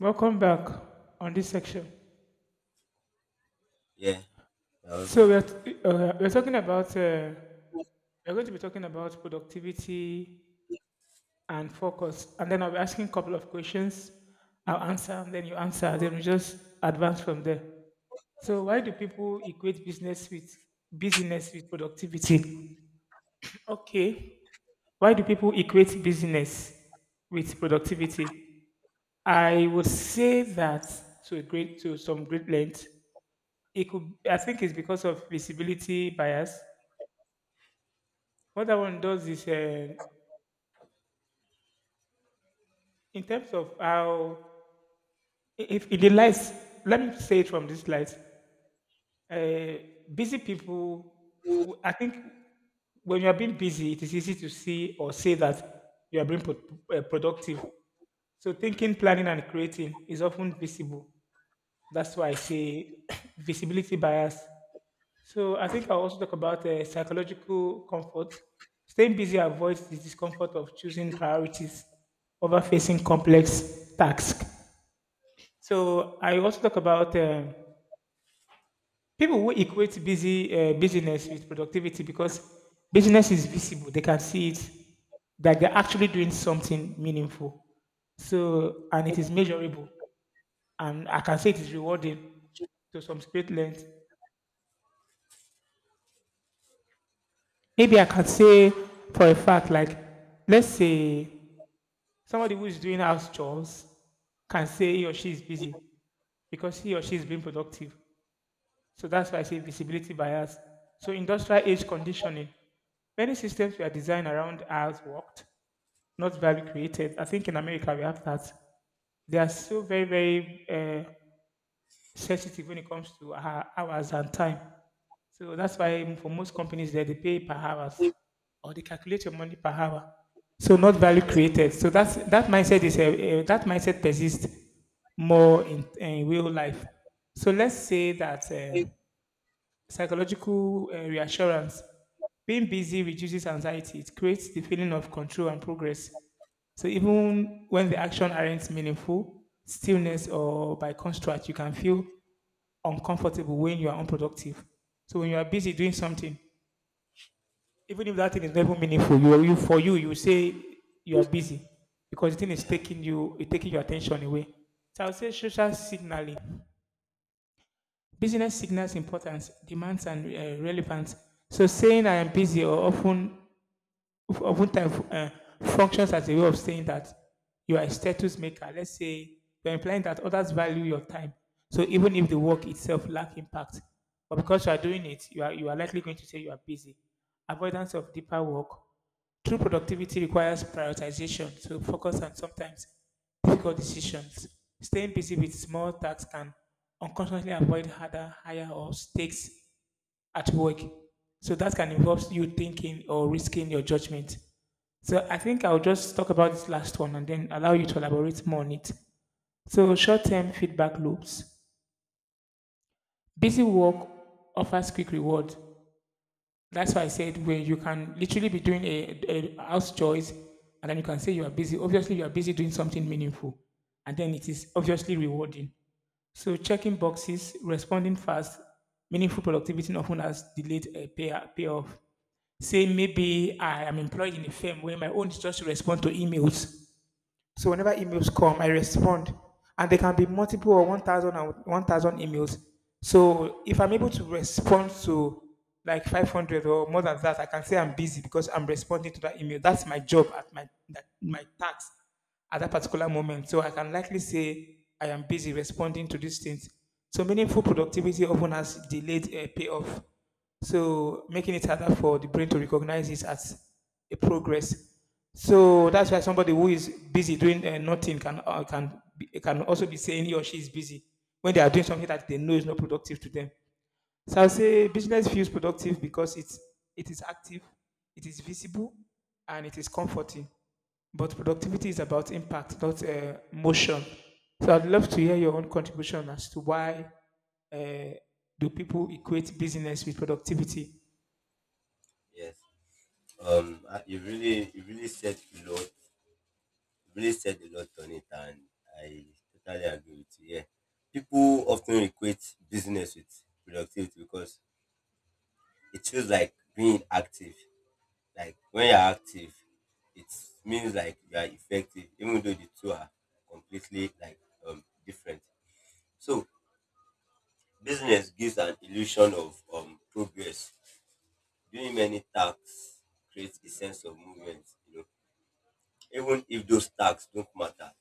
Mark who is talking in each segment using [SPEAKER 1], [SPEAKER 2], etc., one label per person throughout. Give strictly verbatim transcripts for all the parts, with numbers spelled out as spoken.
[SPEAKER 1] Welcome back on this section.
[SPEAKER 2] Yeah, you're welcome
[SPEAKER 1] So we're
[SPEAKER 2] too.
[SPEAKER 1] t- uh, we're talking about uh, we're going to be talking about productivity and focus, and then I'll be asking a couple of questions. I'll answer, and then you answer, then we just advance from there. So why do people equate business with busyness with productivity? Okay, why do people equate business with productivity? I would say that to a great to some great length it could, I think it's because of visibility bias. What that one does is uh, in terms of how i- if in the lights, let me say it from this light. Uh, busy people, w- I think, when you are being busy it is easy to see or say that you are being pro- uh, productive. So thinking, planning and creating is often visible. That's why I say visibility bias. So I think I'll also talk about uh, psychological comfort. Staying busy avoids the discomfort of choosing priorities over facing complex tasks. So I also talk about um people who equate busy uh, business with productivity because business is visible; they can see it that they're actually doing something meaningful. So, and it is measurable, and I can say it is rewarding to some great length. Maybe I can say for a fact, like, let's say somebody who's doing house chores can say he or she is busy because he or she is being productive. So that's why I say visibility bias. So, industrial age conditioning. Many systems were designed around hours worked, not value created. I think in America we have that. They are so very, very uh, sensitive when it comes to uh, hours and time. So that's
[SPEAKER 2] Mm-hmm.
[SPEAKER 1] why for most companies there, they pay per hours or they calculate your money per hour. So, not value
[SPEAKER 2] Yeah.
[SPEAKER 1] created. So that's, that mindset is a, a- that mindset persists more in, in real life. So let's say that uh, psychological uh, reassurance, being busy
[SPEAKER 2] Mm-hmm.
[SPEAKER 1] reduces anxiety. It creates the feeling of control and progress. So even when the action aren't meaningful, stillness or by contrast, you can feel uncomfortable when you are unproductive. So when you are busy doing something, even if that thing is never meaningful, you, you for you, you say you are
[SPEAKER 2] Hmm.
[SPEAKER 1] busy because the thing is
[SPEAKER 2] Uh-huh.
[SPEAKER 1] taking you, it's taking your attention away. So I would say social signaling, business signals importance, demands and uh, relevance. So saying I am busy or often of- oftentimes uh, functions as a way of saying that you are a status maker. Let's say you're implying that others value your time. So even if the work itself lack impact, but because you are doing it, you are you are likely going to say you are busy. Avoidance of deeper work. True productivity requires prioritization, so focus on sometimes difficult decisions. Staying busy with small tasks can unconsciously avoid harder, higher, or stakes at work. So that can involve you thinking or risking your judgment. So I think I'll just talk about this last one and then allow you to elaborate more on it. So, short-term feedback loops. Busy work offers quick reward. That's why I said, where you can literally be doing a, a house chores and then you can say you are busy. Obviously, you are busy doing something meaningful, and then it is obviously rewarding. So checking boxes, responding fast, meaningful productivity often has delayed a pay, payoff. Say maybe I am employed in a firm where my own is just to respond to emails, so whenever emails come, I respond, and there can be multiple or one thousand and one thousand emails. So if I'm able to respond to like five hundred or more than that, I can say I'm busy because I'm responding to that email. That's my job at my that, my task at that particular moment. So I can likely say I am busy responding to these things. So meaningful productivity often has delayed a payoff, so making it harder for the brain to recognize it as a progress. So that's why somebody who is busy doing uh, nothing can uh, can be, can also be saying he or she is busy when they are doing something that they know is not productive to them. So I'll say business feels productive because it's it is active, it is visible, and it is comforting. But productivity is about impact, not uh, motion. So I'd love to hear your own contribution as to why uh, do people equate business with productivity.
[SPEAKER 2] Yes. Um, I- you really, you really said a lot. You really said a lot on it, and I totally agree with you. Yeah, people often equate business with productivity because it feels like being active. Like when you're active, it means like you are effective, even though the two are completely, like um different. So business gives an illusion of um progress. Doing many tasks creates a sense of movement, you know. Even if those tasks don't matter,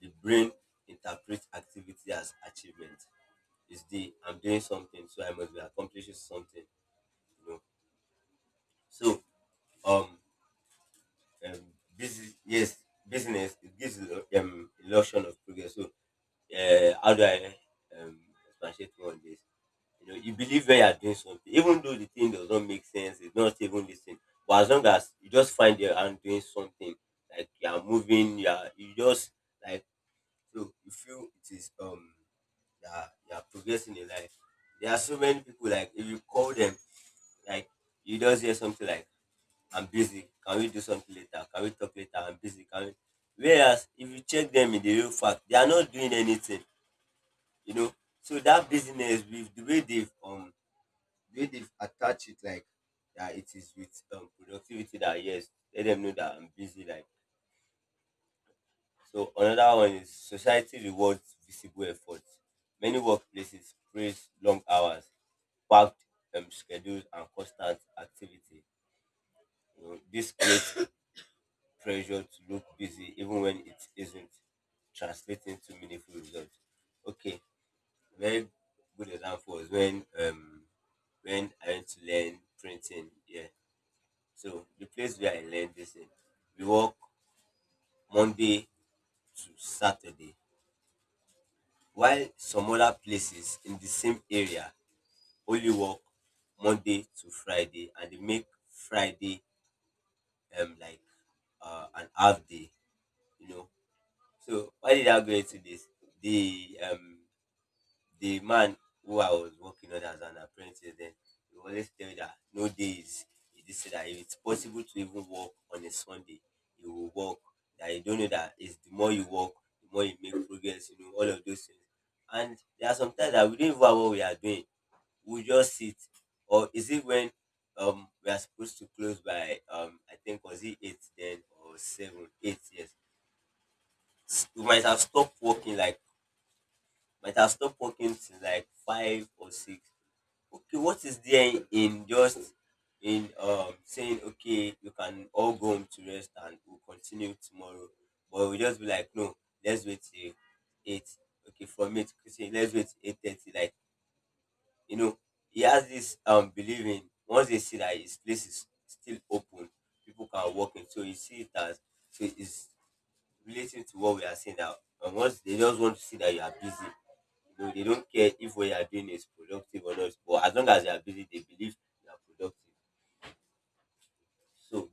[SPEAKER 2] the brain interprets activity as achievement. It's the I'm doing something, so I must be accomplishing something, you know. So um, um busy, yes, business, it gives you um illusion of progress. So uh, how do I um expatiate more on this? You know, you believe when you are doing something, even though the thing does not make sense, it's not even listen. But as long as you just find your hand doing something, like you are moving, you are you just like so you feel it is um you are, you are progressing in life. There are so many people like if you call them, like you just hear something like I'm busy, can we do something later? Can we talk later? I'm busy, can we, whereas if you check them in the real fact, they are not doing anything, you know. So that business with the way they've um the way they've attached it, like that it is with um, productivity, that yes, let them know that I'm busy, like. So another one is society rewards visible efforts. Many workplaces praise long hours, packed um, schedules and constant activity. You know, this creates pressure to look busy even when it isn't translating to meaningful results. Okay, very good example is when um when I went to learn printing, yeah. So the place where I learned this, eh, we work Monday to Saturday, while some other places in the same area only work Monday to Friday, and they make Friday um like uh, an half day, you know. So why did I go into this? The um the man who I was working on as an apprentice then, he always tell me that no days he did say that if it's possible to even work on a Sunday, you will work. That you don't know that it's the more you work, the more you make progress, you know, all of those things. And there are sometimes that we don't even know what we are doing. We just sit. Or is it when um we are supposed to close by um I think was it eight then or seven, eight years. We might have stopped working like might have stopped working since like five or six. Okay, what is there in just in um saying okay, you can all go home to rest and we'll continue tomorrow, but we just be like no, let's wait till eight. Okay, from eight, okay, say let's wait eight thirty. Like you know, he has this um belief in once they see that his place is still open, people can walk in. So he see it as, so it's relating to what we are saying now. And once they just want to see that you are busy, you know, they don't care if what you are doing is productive or not. But as long as you are busy, they believe you are productive. So,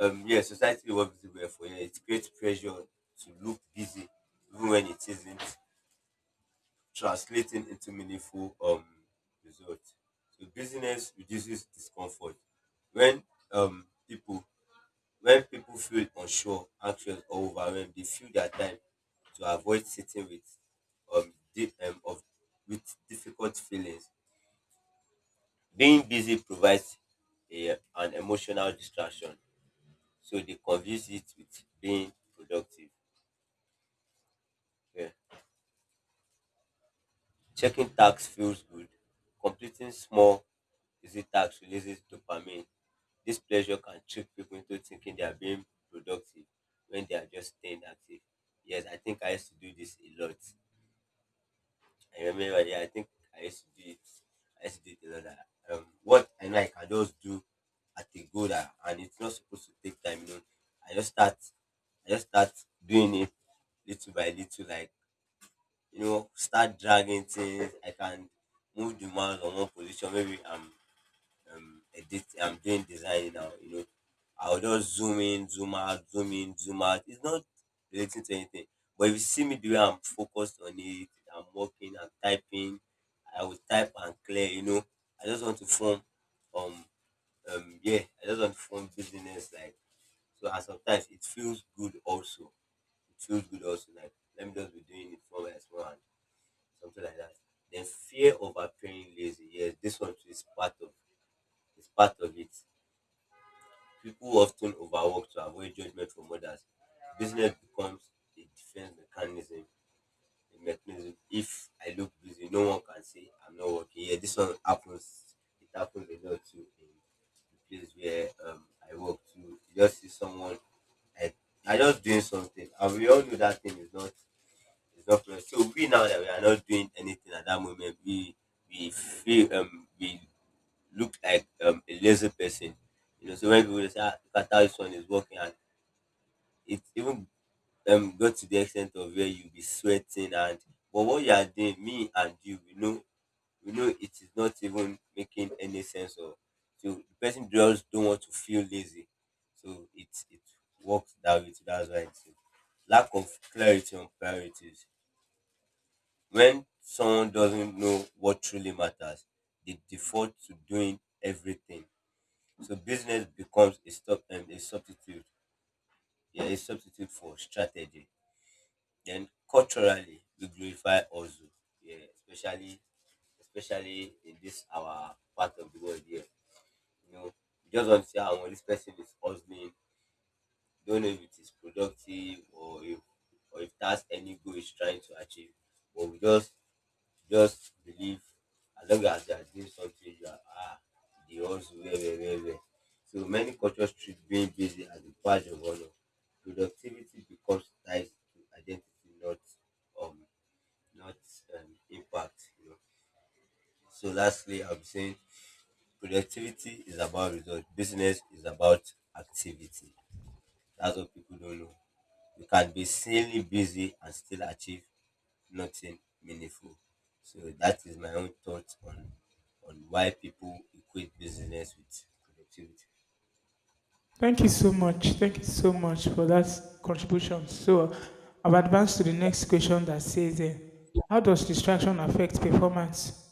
[SPEAKER 2] um, yeah, society works everywhere for you. It creates pressure to look busy, even when it isn't, translating into meaningful um results. So busyness reduces discomfort when um people when people feel unsure, anxious, or overwhelmed, they feel their time to avoid sitting with um, di- um of with difficult feelings. Being busy provides a, an emotional distraction, so they confuse it with being productive. Yeah. Checking tasks feels good. Completing small, easy tasks releases dopamine. This pleasure can trick people into thinking they are being productive when they are just staying active. Yes, I think I used to do this a lot. I remember, yeah, I think I used to do it. I used to do it a lot. That, Um, what I know I can just do at a go that, and it's not supposed to take time. You know, I just start, I just start doing it little by little. Like you know, start dragging things. I can move the mouse on one position. Maybe I'm um, edit, I'm doing design now. You know, I'll just zoom in, zoom out, zoom in, zoom out. It's not relating to anything. But if you see me the way I'm focused on it, I'm working, I'm typing, I will type and clear, you know. I just want to form um um yeah, I just want to form business, like. So, and sometimes it feels good also. It feels good also, like let me just be doing it from my small hand, something like that. Then fear of appearing lazy, yes, this one too is part of it's part of it. People often overwork to avoid judgment from others. Business becomes a defense mechanism. A mechanism. If I look busy, no one can say I'm not working. Yeah, this one happens. It happens a lot too in the place where um, I work to. You just see someone I I just doing something, and we all know that thing is not, is not present. So we now that we are not doing anything at that moment, we we feel um we look like um, a lazy person. You know, so when people say, ah, look at how this one is working, and it even um got to the extent of where you be sweating and but what you are doing, me and you, we know we know it is not even making any sense or so the person just don't want to feel lazy. So it it works that way too. That's why it's lack of clarity on priorities. When someone doesn't know what truly matters, they default to doing everything. So business becomes a stop and a substitute, yeah, a substitute for strategy. Then culturally, we glorify also, yeah, especially especially in this our part of the world here. You know, you just want to see how this person is hustling. Don't know if it is productive or if or if that's any goal he's trying to achieve. But we just Just believe, as long as they are doing something, you are ah, they also well, well, well, well. So many cultures treat being busy as a badge of honor. Productivity becomes tied to identity, not um, not um, impact. You know. So lastly, I'm saying productivity is about results. Business is about activity. That's what people don't know. You can be insanely busy and still achieve nothing meaningful. So that is my own thoughts on on why people equate business with productivity.
[SPEAKER 1] Thank you so much. Thank you so much for that contribution. So I've advanced to the next question that says, uh, how does distraction affect performance?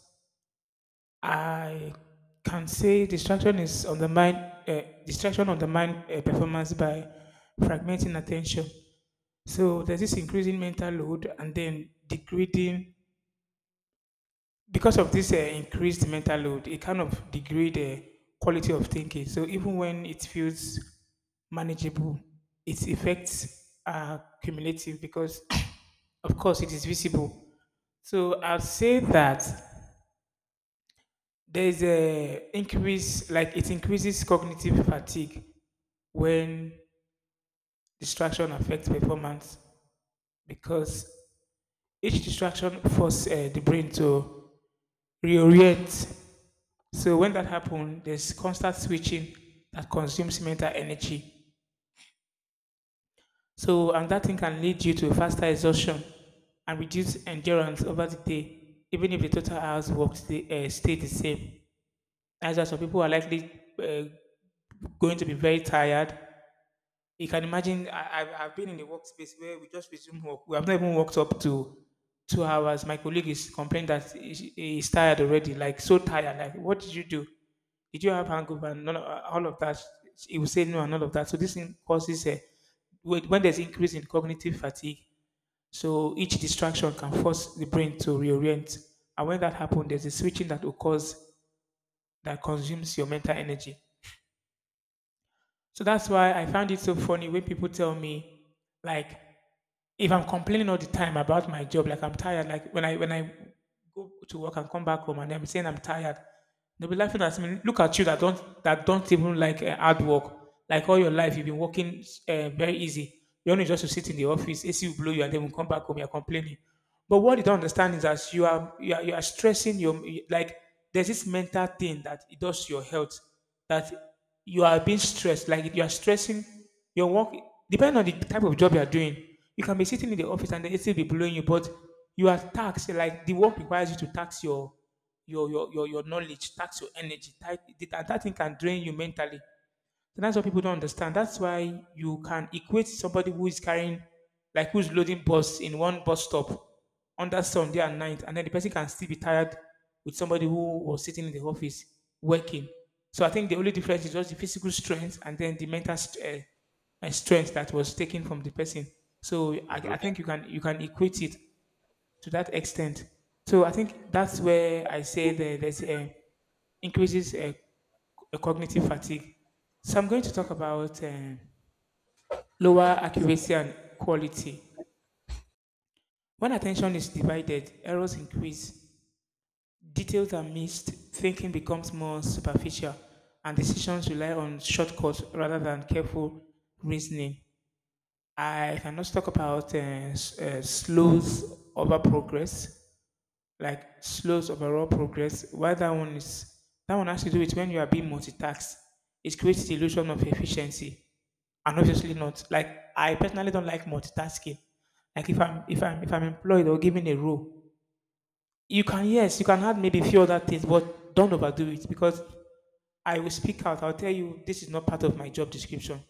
[SPEAKER 1] I can say distraction is on the mind, uh, distraction on the mind uh, performance by fragmenting attention. So there's this increasing mental load and then degrading. Because of this uh, increased mental load, it kind of degrade the quality of thinking. So even when it feels manageable, its effects are cumulative because, of course, it is visible. So I'll say that there's a increase like it increases cognitive fatigue when distraction affects performance, because each distraction forces uh, the brain to reorient. So when that happens, there's constant switching that consumes mental energy, so and that thing can lead you to faster exhaustion and reduce endurance over the day, even if the total hours worked stay, uh, stay the same. As well, some people are likely uh, going to be very tired. You can imagine, I, I've, I've been in a workspace where we just resume work. We have not even worked up to two hours. My colleague is complaining that he- he's tired already, like so tired. Like, what did you do? Did you have hangover and none of, all of that? He will say no and all of that. So this thing causes a, when when there's increase in cognitive fatigue, so each distraction can force the brain to reorient. And when that happens, there's a switching that occurs that consumes your mental energy. So that's why I found it so funny when people tell me, like, if I'm complaining all the time about my job, like I'm tired, like when I when I go to work and come back home and I'm saying I'm tired, they'll be laughing at me. Look at you that don't that don't even like uh, hard work. Like all your life, you've been working uh, very easy. You only just to sit in the office, A C will blow you, and then when you come back home, you're complaining. But what you don't understand is that you are you are, you are stressing your, like, there's this mental thing that it does to your health, that you are being stressed, like you are stressing your work. Depending on the type of job you are doing, you can be sitting in the office and the A C will be blowing you, but you are taxed. Like the work requires you to tax your your your your, your knowledge, tax your energy, tax, and that thing can drain you mentally. So that's what people don't understand. That's why you can equate somebody who is carrying, like who's loading bus in one bus stop on that Sunday and night, and then the person can still be tired with somebody who was sitting in the office working. So I think the only difference is just the physical strength and then the mental st- uh, uh, strength that was taken from the person. So I, I think you can, you can equate it to that extent. So I think that's where I say that there's uh, increases uh, c- eh, cognitive fatigue. So I'm going to talk about uh, lower accuracy and quality. When attention is divided, errors increase, details are missed, thinking becomes more superficial, and decisions rely on shortcuts rather than careful reasoning. I can also talk about uh, s- uh, slows over progress, like slows overall progress. While that one is, that one has to do with when you are being multitasked, it creates the illusion of efficiency. And obviously not. Like I personally don't like multitasking. Like if I'm if I'm if I'm employed or given a role, you can, yes, you can add maybe a few other things, but don't overdo it, because I will speak out. I'll tell you this is not part of my job description.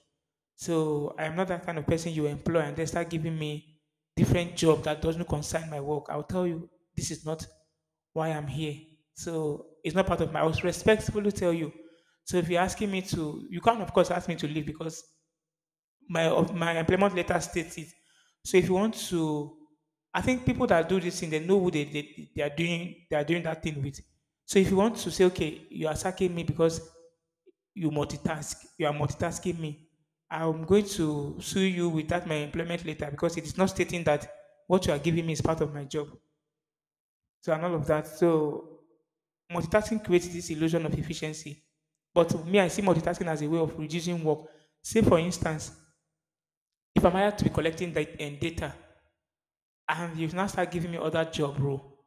[SPEAKER 1] So I am not that kind of person you employ and they start giving me different job that doesn't concern my work. I'll tell you this is not why I'm here. So it's not part of my. I was respectfully tell you. So if you're asking me to, you can't of course ask me to leave because my of my employment letter states it. So if you want to, I think people that do this thing they know who they, they they are doing they are doing that thing with. So if you want to say okay, you are sacking me because you multitask. You are multitasking me. I'm going to sue you without my employment later because it is not stating that what you are giving me is part of my job. So and all of that. So multitasking creates this illusion of efficiency. But me, I see multitasking as a way of reducing work. Say for instance, if I'm hired to be collecting dat- eh, data and you now start giving me other job role,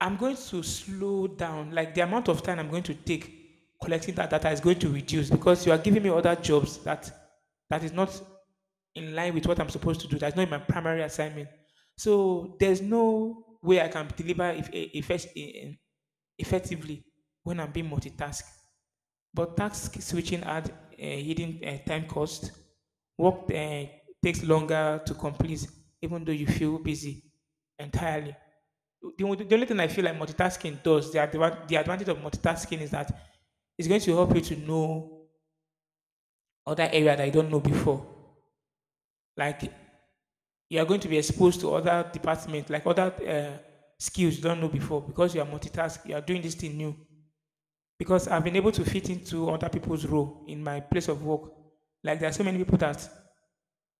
[SPEAKER 1] I'm going to slow down. Like the amount of time I'm going to take collecting that data is going to reduce because you are giving me other jobs that that is not in line with what I'm supposed to do. That's not in my primary assignment. So there's no way I can deliver if, if, effectively when I'm being multitasked. But task switching had a hidden uh, time cost. Work uh, takes longer to complete, even though you feel busy entirely. The, only- the only thing I feel like multitasking does, the, adva- the advantage of multitasking is that it's going to help you to know other area that you don't know before. Like you are going to be exposed to other departments, like other uh, skills you don't know before because you are multitask. You are doing this thing new. Because I've been able to fit into other people's role in my place of work. Like there are so many people that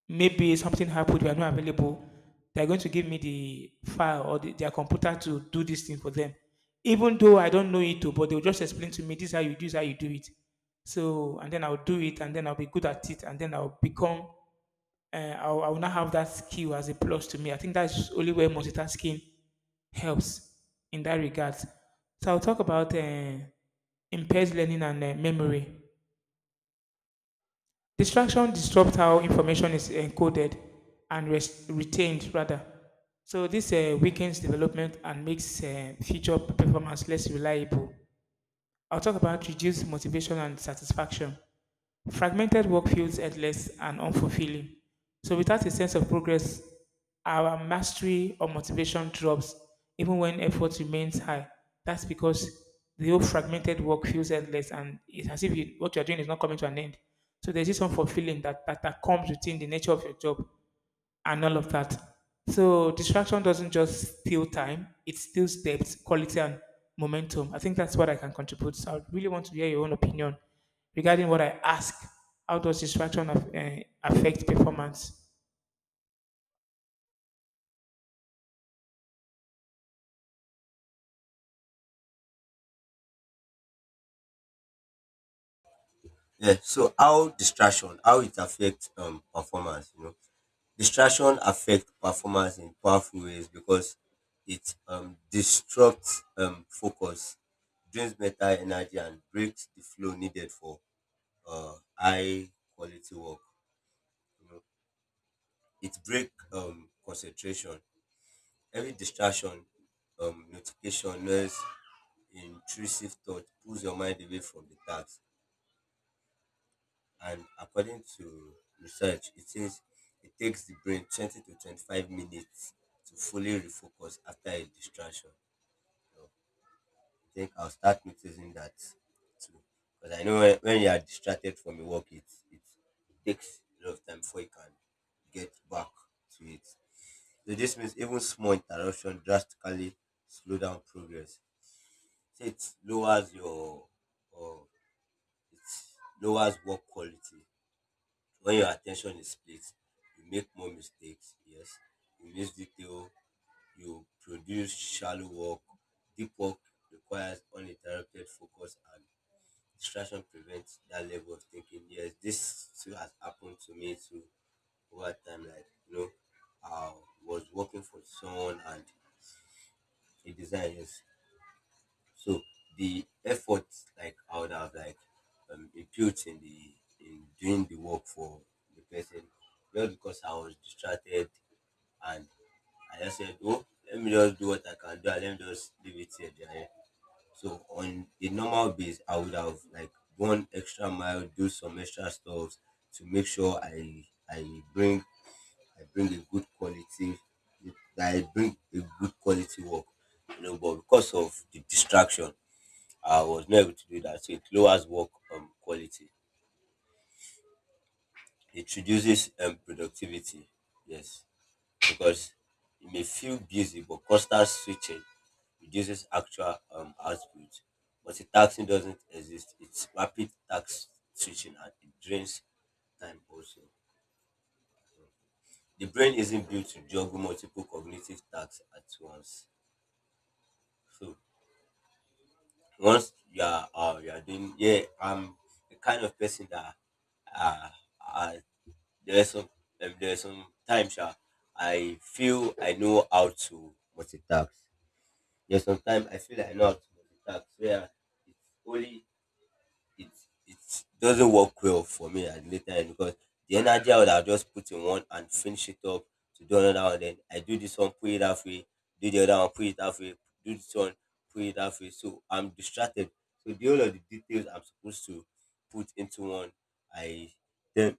[SPEAKER 1] maybe something happened, we are not available. They're going to give me the file or the, their computer to do this thing for them. Even though I don't know it, too, but they'll just explain to me, this is how you do, this is how you do it. So, and then I'll do it, and then I'll be good at it, and then I'll become, uh, I'll, I'll now have that skill as a plus to me. I think that's only where multitasking helps in that regard. So I'll talk about uh, impaired learning and uh, memory. Distraction disrupts how information is encoded and res- retained rather. So this uh, weakens development and makes uh, future performance less reliable. I'll talk about reduced motivation and satisfaction. Fragmented work feels endless and unfulfilling. So, without a sense of progress, our mastery or motivation drops, even when effort remains high. That's because the whole fragmented work feels endless and it's as if you, what you're doing is not coming to an end. So, there's this unfulfilling that, that, that comes within the nature of your job and all of that. So distraction doesn't just steal time; it steals depth, quality, and momentum. I think that's what I can contribute. So I really want to hear your own opinion regarding what I ask. How does distraction af- eh, affect performance?
[SPEAKER 2] Yeah. So how distraction, how it affects um performance, you know. Distraction affect performance in powerful ways because it um disrupts um focus, drains mental energy and breaks the flow needed for uh high quality work. You know, it breaks um concentration. Every distraction, um, notification, noise, intrusive thought pulls your mind away from the task. And according to research, it says it takes the brain twenty to twenty-five minutes to fully refocus after a distraction. So I think I'll start noticing that too. Because I know when, when you are distracted from your work, it, it takes a lot of time before you can get back to it. So this means even small interruption drastically slow down progress. So it lowers your or it lowers work quality. When your attention is split, you make more mistakes, yes, you miss detail, you produce shallow work. Deep work requires uninterrupted focus and distraction prevents that level of thinking. Yes, this too has happened to me too over time. Like, you know, I was working for someone and a design, yes. So the effort, like I would have like um, input in the in doing the work for the person, not because I was distracted and I just said, oh, let me just do what I can do and let me just leave it here. There." So on a normal base, I would have like gone extra mile, do some extra stuff to make sure I I bring I bring a good quality, that I bring a good quality work, you know. But because of the distraction, I was not able to do that. So it lowers work um, quality. It reduces um, productivity. Yes, because you may feel busy, but constant switching reduces actual um, output. Multitasking doesn't exist. It's rapid task switching and it drains time also. The brain isn't built to juggle multiple cognitive tasks at once. So once you are uh, you are doing yeah, I'm the kind of person that uh, I There's some um, there's some times sha, I feel I know how to multitask. There's sometimes I feel I know how to multitask where it's only it it doesn't work well for me at the time, because the energy I would have just put in one and finish it up, to do another one, then I do this one, put it halfway, do the other one, put it halfway, do this one, put it halfway. So I'm distracted. So the whole of the details I'm supposed to put into one, I then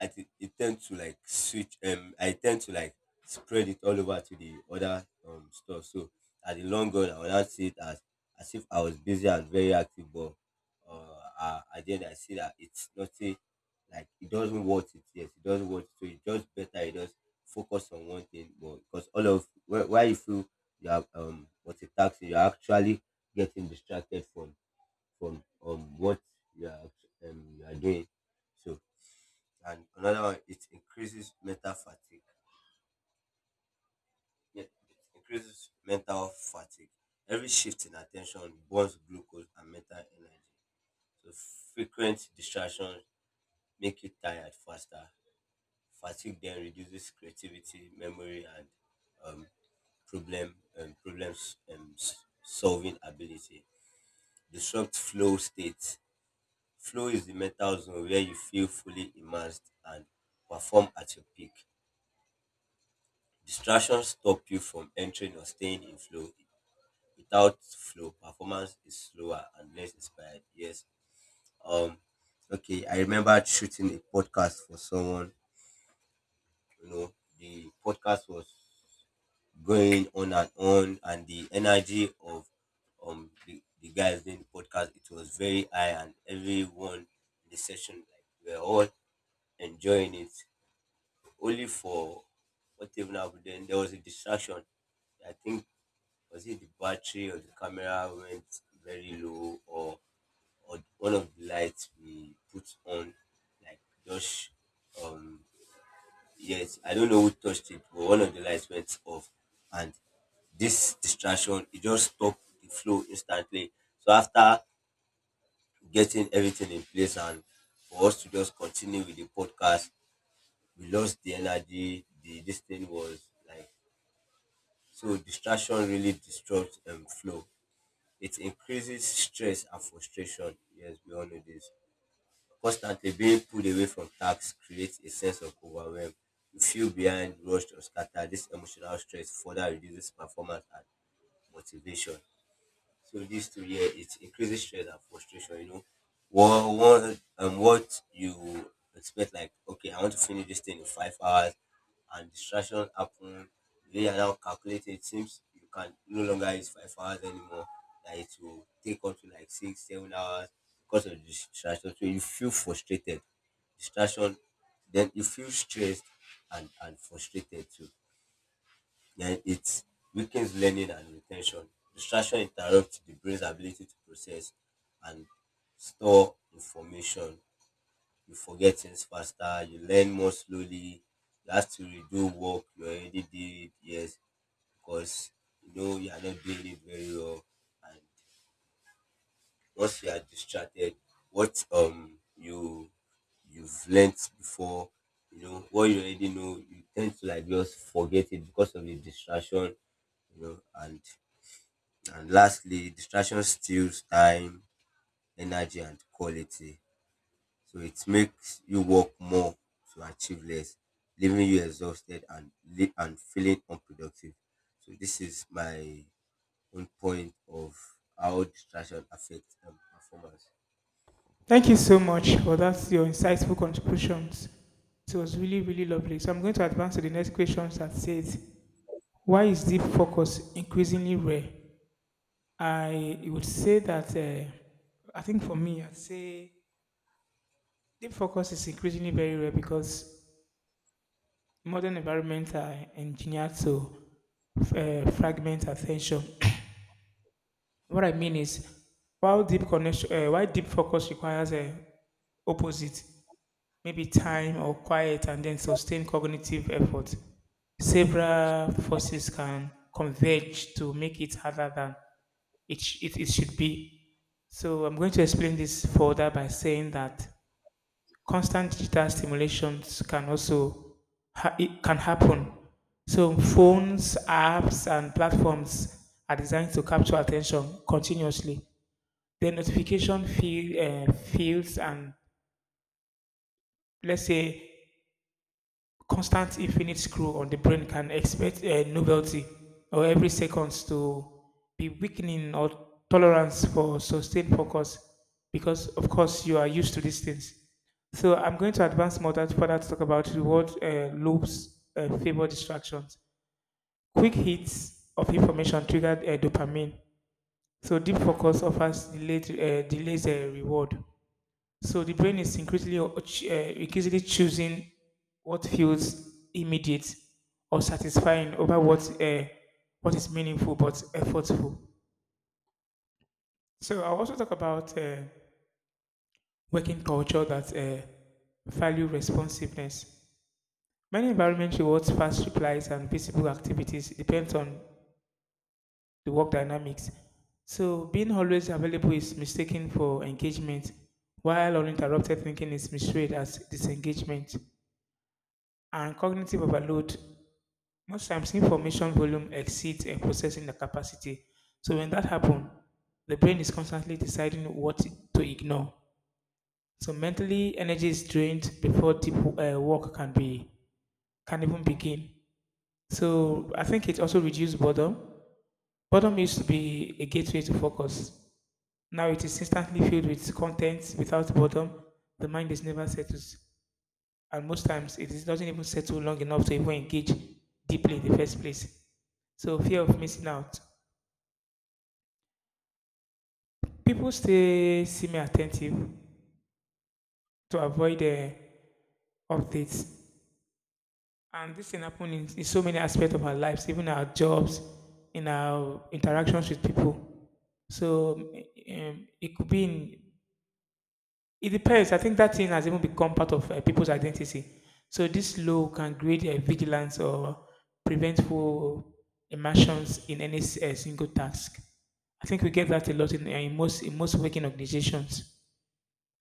[SPEAKER 2] I think it tends to like switch. Um, I tend to like spread it all over to the other um stuff. So at the long run, I will not see it as as if I was busy and very active, but uh, I, at the end, I see that it's not a, like it doesn't want it. Yes, it doesn't want it. So it's just better. It just focus on one thing more, because all of why why you feel you have um multitasking, you're actually getting distracted from from um what you are act- um you are doing. So and another one, it increases mental fatigue. Yeah, it increases mental fatigue. Every shift in attention burns glucose and mental energy, so frequent distractions make you tired faster. Fatigue then reduces creativity, memory, and um, problem um, problems um, s- solving ability. Disrupt flow state. Flow is the mental zone where you feel fully immersed and perform at your peak. Distractions stop you from entering or staying in flow. Without flow, performance is slower and less inspired. Yes. Um. Okay. I remember shooting a podcast for someone. You know, the podcast was going on and on, and the energy of um the, the guys doing the podcast, it was very high, and everyone in the session, like, we were all enjoying it. Only for, what even happened then, there was a distraction. I think, was it the battery on the camera went very low, or or one of the lights we put on, like, just, um yes, I don't know who touched it, but one of the lights went off. And this distraction, it just stopped the flow instantly. So after getting everything in place and for us to just continue with the podcast, we lost the energy. The this thing was like, so distraction really disrupts um flow. It increases stress and frustration. Yes, we all know this. Constantly being pulled away from tasks creates a sense of overwhelm. You feel behind, rushed, or scattered. This emotional stress further reduces performance and motivation. So these two, yeah, it increases stress and frustration. You know, what what um what you expect? Like, okay, I want to finish this thing in five hours, and distraction happen. Then you are now calculating. It seems you can no longer use five hours anymore. That it will take up to like six, seven hours because of distraction. So you feel frustrated, distraction. Then you feel stressed and and frustrated too. Then it weakens learning and retention. Distraction interrupts the brain's ability to process and store information. You forget things faster, you learn more slowly, you have to redo work you already did, yes, because you know you are not doing it very well. And once you are distracted, what um you you've learnt before, you know, what you already know, you tend to like just forget it, because of the distraction, you know, and and lastly, distraction steals time, energy, and quality. So it makes you work more to achieve less, leaving you exhausted and li- and feeling unproductive. So this is my own point of how distraction affects um, performance.
[SPEAKER 1] Thank you so much for that your insightful contributions. It was really really lovely. So I'm going to advance to the next question that says, "Why is deep focus increasingly rare?" I would say that uh, I think for me, I'd say Deep focus is increasingly very rare because modern environments are engineered to uh, fragment attention. What I mean is, while deep connection, uh, while deep focus requires a opposite, maybe time or quiet, and then sustained cognitive effort, several forces can converge to make it harder than it, sh- it, it should be. So I'm going to explain this further by saying that constant digital stimulations can also ha- it can happen. So phones, apps, and platforms are designed to capture attention continuously. The notification feel, uh, fields and let's say constant infinite screw on the brain can expect a novelty or every seconds to be weakening or tolerance for sustained focus because of course you are used to these things. So I'm going to advance more that further to talk about reward uh, loops uh, favor distractions. Quick hits of information triggered uh, dopamine. So deep focus offers delayed, uh, delays a reward. So the brain is increasingly, uh, ch- uh, increasingly choosing what feels immediate or satisfying over what uh, what is meaningful but effortful. So I'll also talk about uh, working culture that uh, value responsiveness. Many environments rewards fast replies and visible activities depends on the work dynamics. So being always available is mistaken for engagement, while uninterrupted thinking is misread as disengagement. And cognitive overload. Most times, information volume exceeds a processing the capacity. So when that happens, the brain is constantly deciding what to ignore. So mentally, energy is drained before deep uh, work can be can even begin. So I think it also reduces boredom. Boredom used to be a gateway to focus. Now it is instantly filled with content. Without boredom, the mind is never settles, and most times it is- doesn't even settle long enough to even engage deeply in the first place. So fear of missing out. People stay semi attentive to avoid the updates. And this can happen in, in so many aspects of our lives, even our jobs, in our interactions with people. So um, it could be in, it depends. I think that thing has even become part of uh, people's identity. So this law can create a vigilance or preventful immersions in any s- uh, single task. I think we get that a lot in, uh, in most in most working organizations.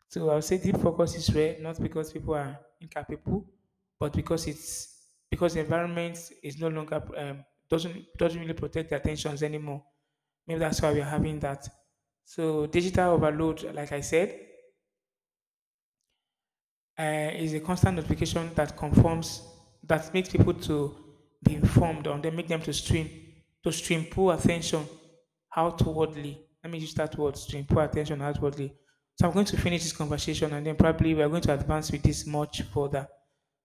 [SPEAKER 1] So I'll say deep focus is rare, not because people are incapable, but because it's because the environment is no longer um, doesn't doesn't really protect their attentions anymore. Maybe that's why we're having that. So digital overload, like I said, uh, is a constant notification that conforms that makes people to be informed on them, make them to stream to stream poor attention outwardly. Let me use that word stream poor attention outwardly. So I'm going to finish this conversation and then probably we are going to advance with this much further.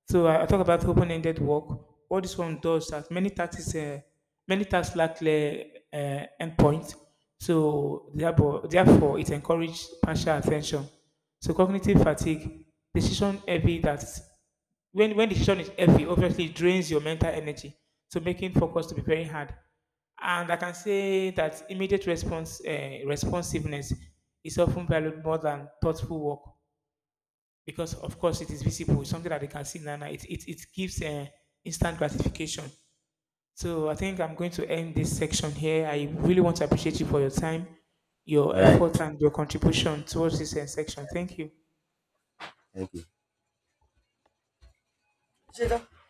[SPEAKER 1] So I, I talk about open-ended work. What this one does that many tasks, uh, many tasks lack clear uh, endpoint. So therefore, therefore, it encourages partial attention. So cognitive fatigue, decision heavy that when when decision is heavy, obviously it drains your mental energy. So making focus to be very hard. And I can say that immediate response uh, responsiveness is often valued more than thoughtful work because, of course, it is visible. It's something that they can see now. now. It, it, it gives uh, instant gratification. So I think I'm going to end this section here. I really want to appreciate you for your time, your
[SPEAKER 2] All right,
[SPEAKER 1] effort, and your contribution towards this uh, section. Thank you.
[SPEAKER 2] thank you.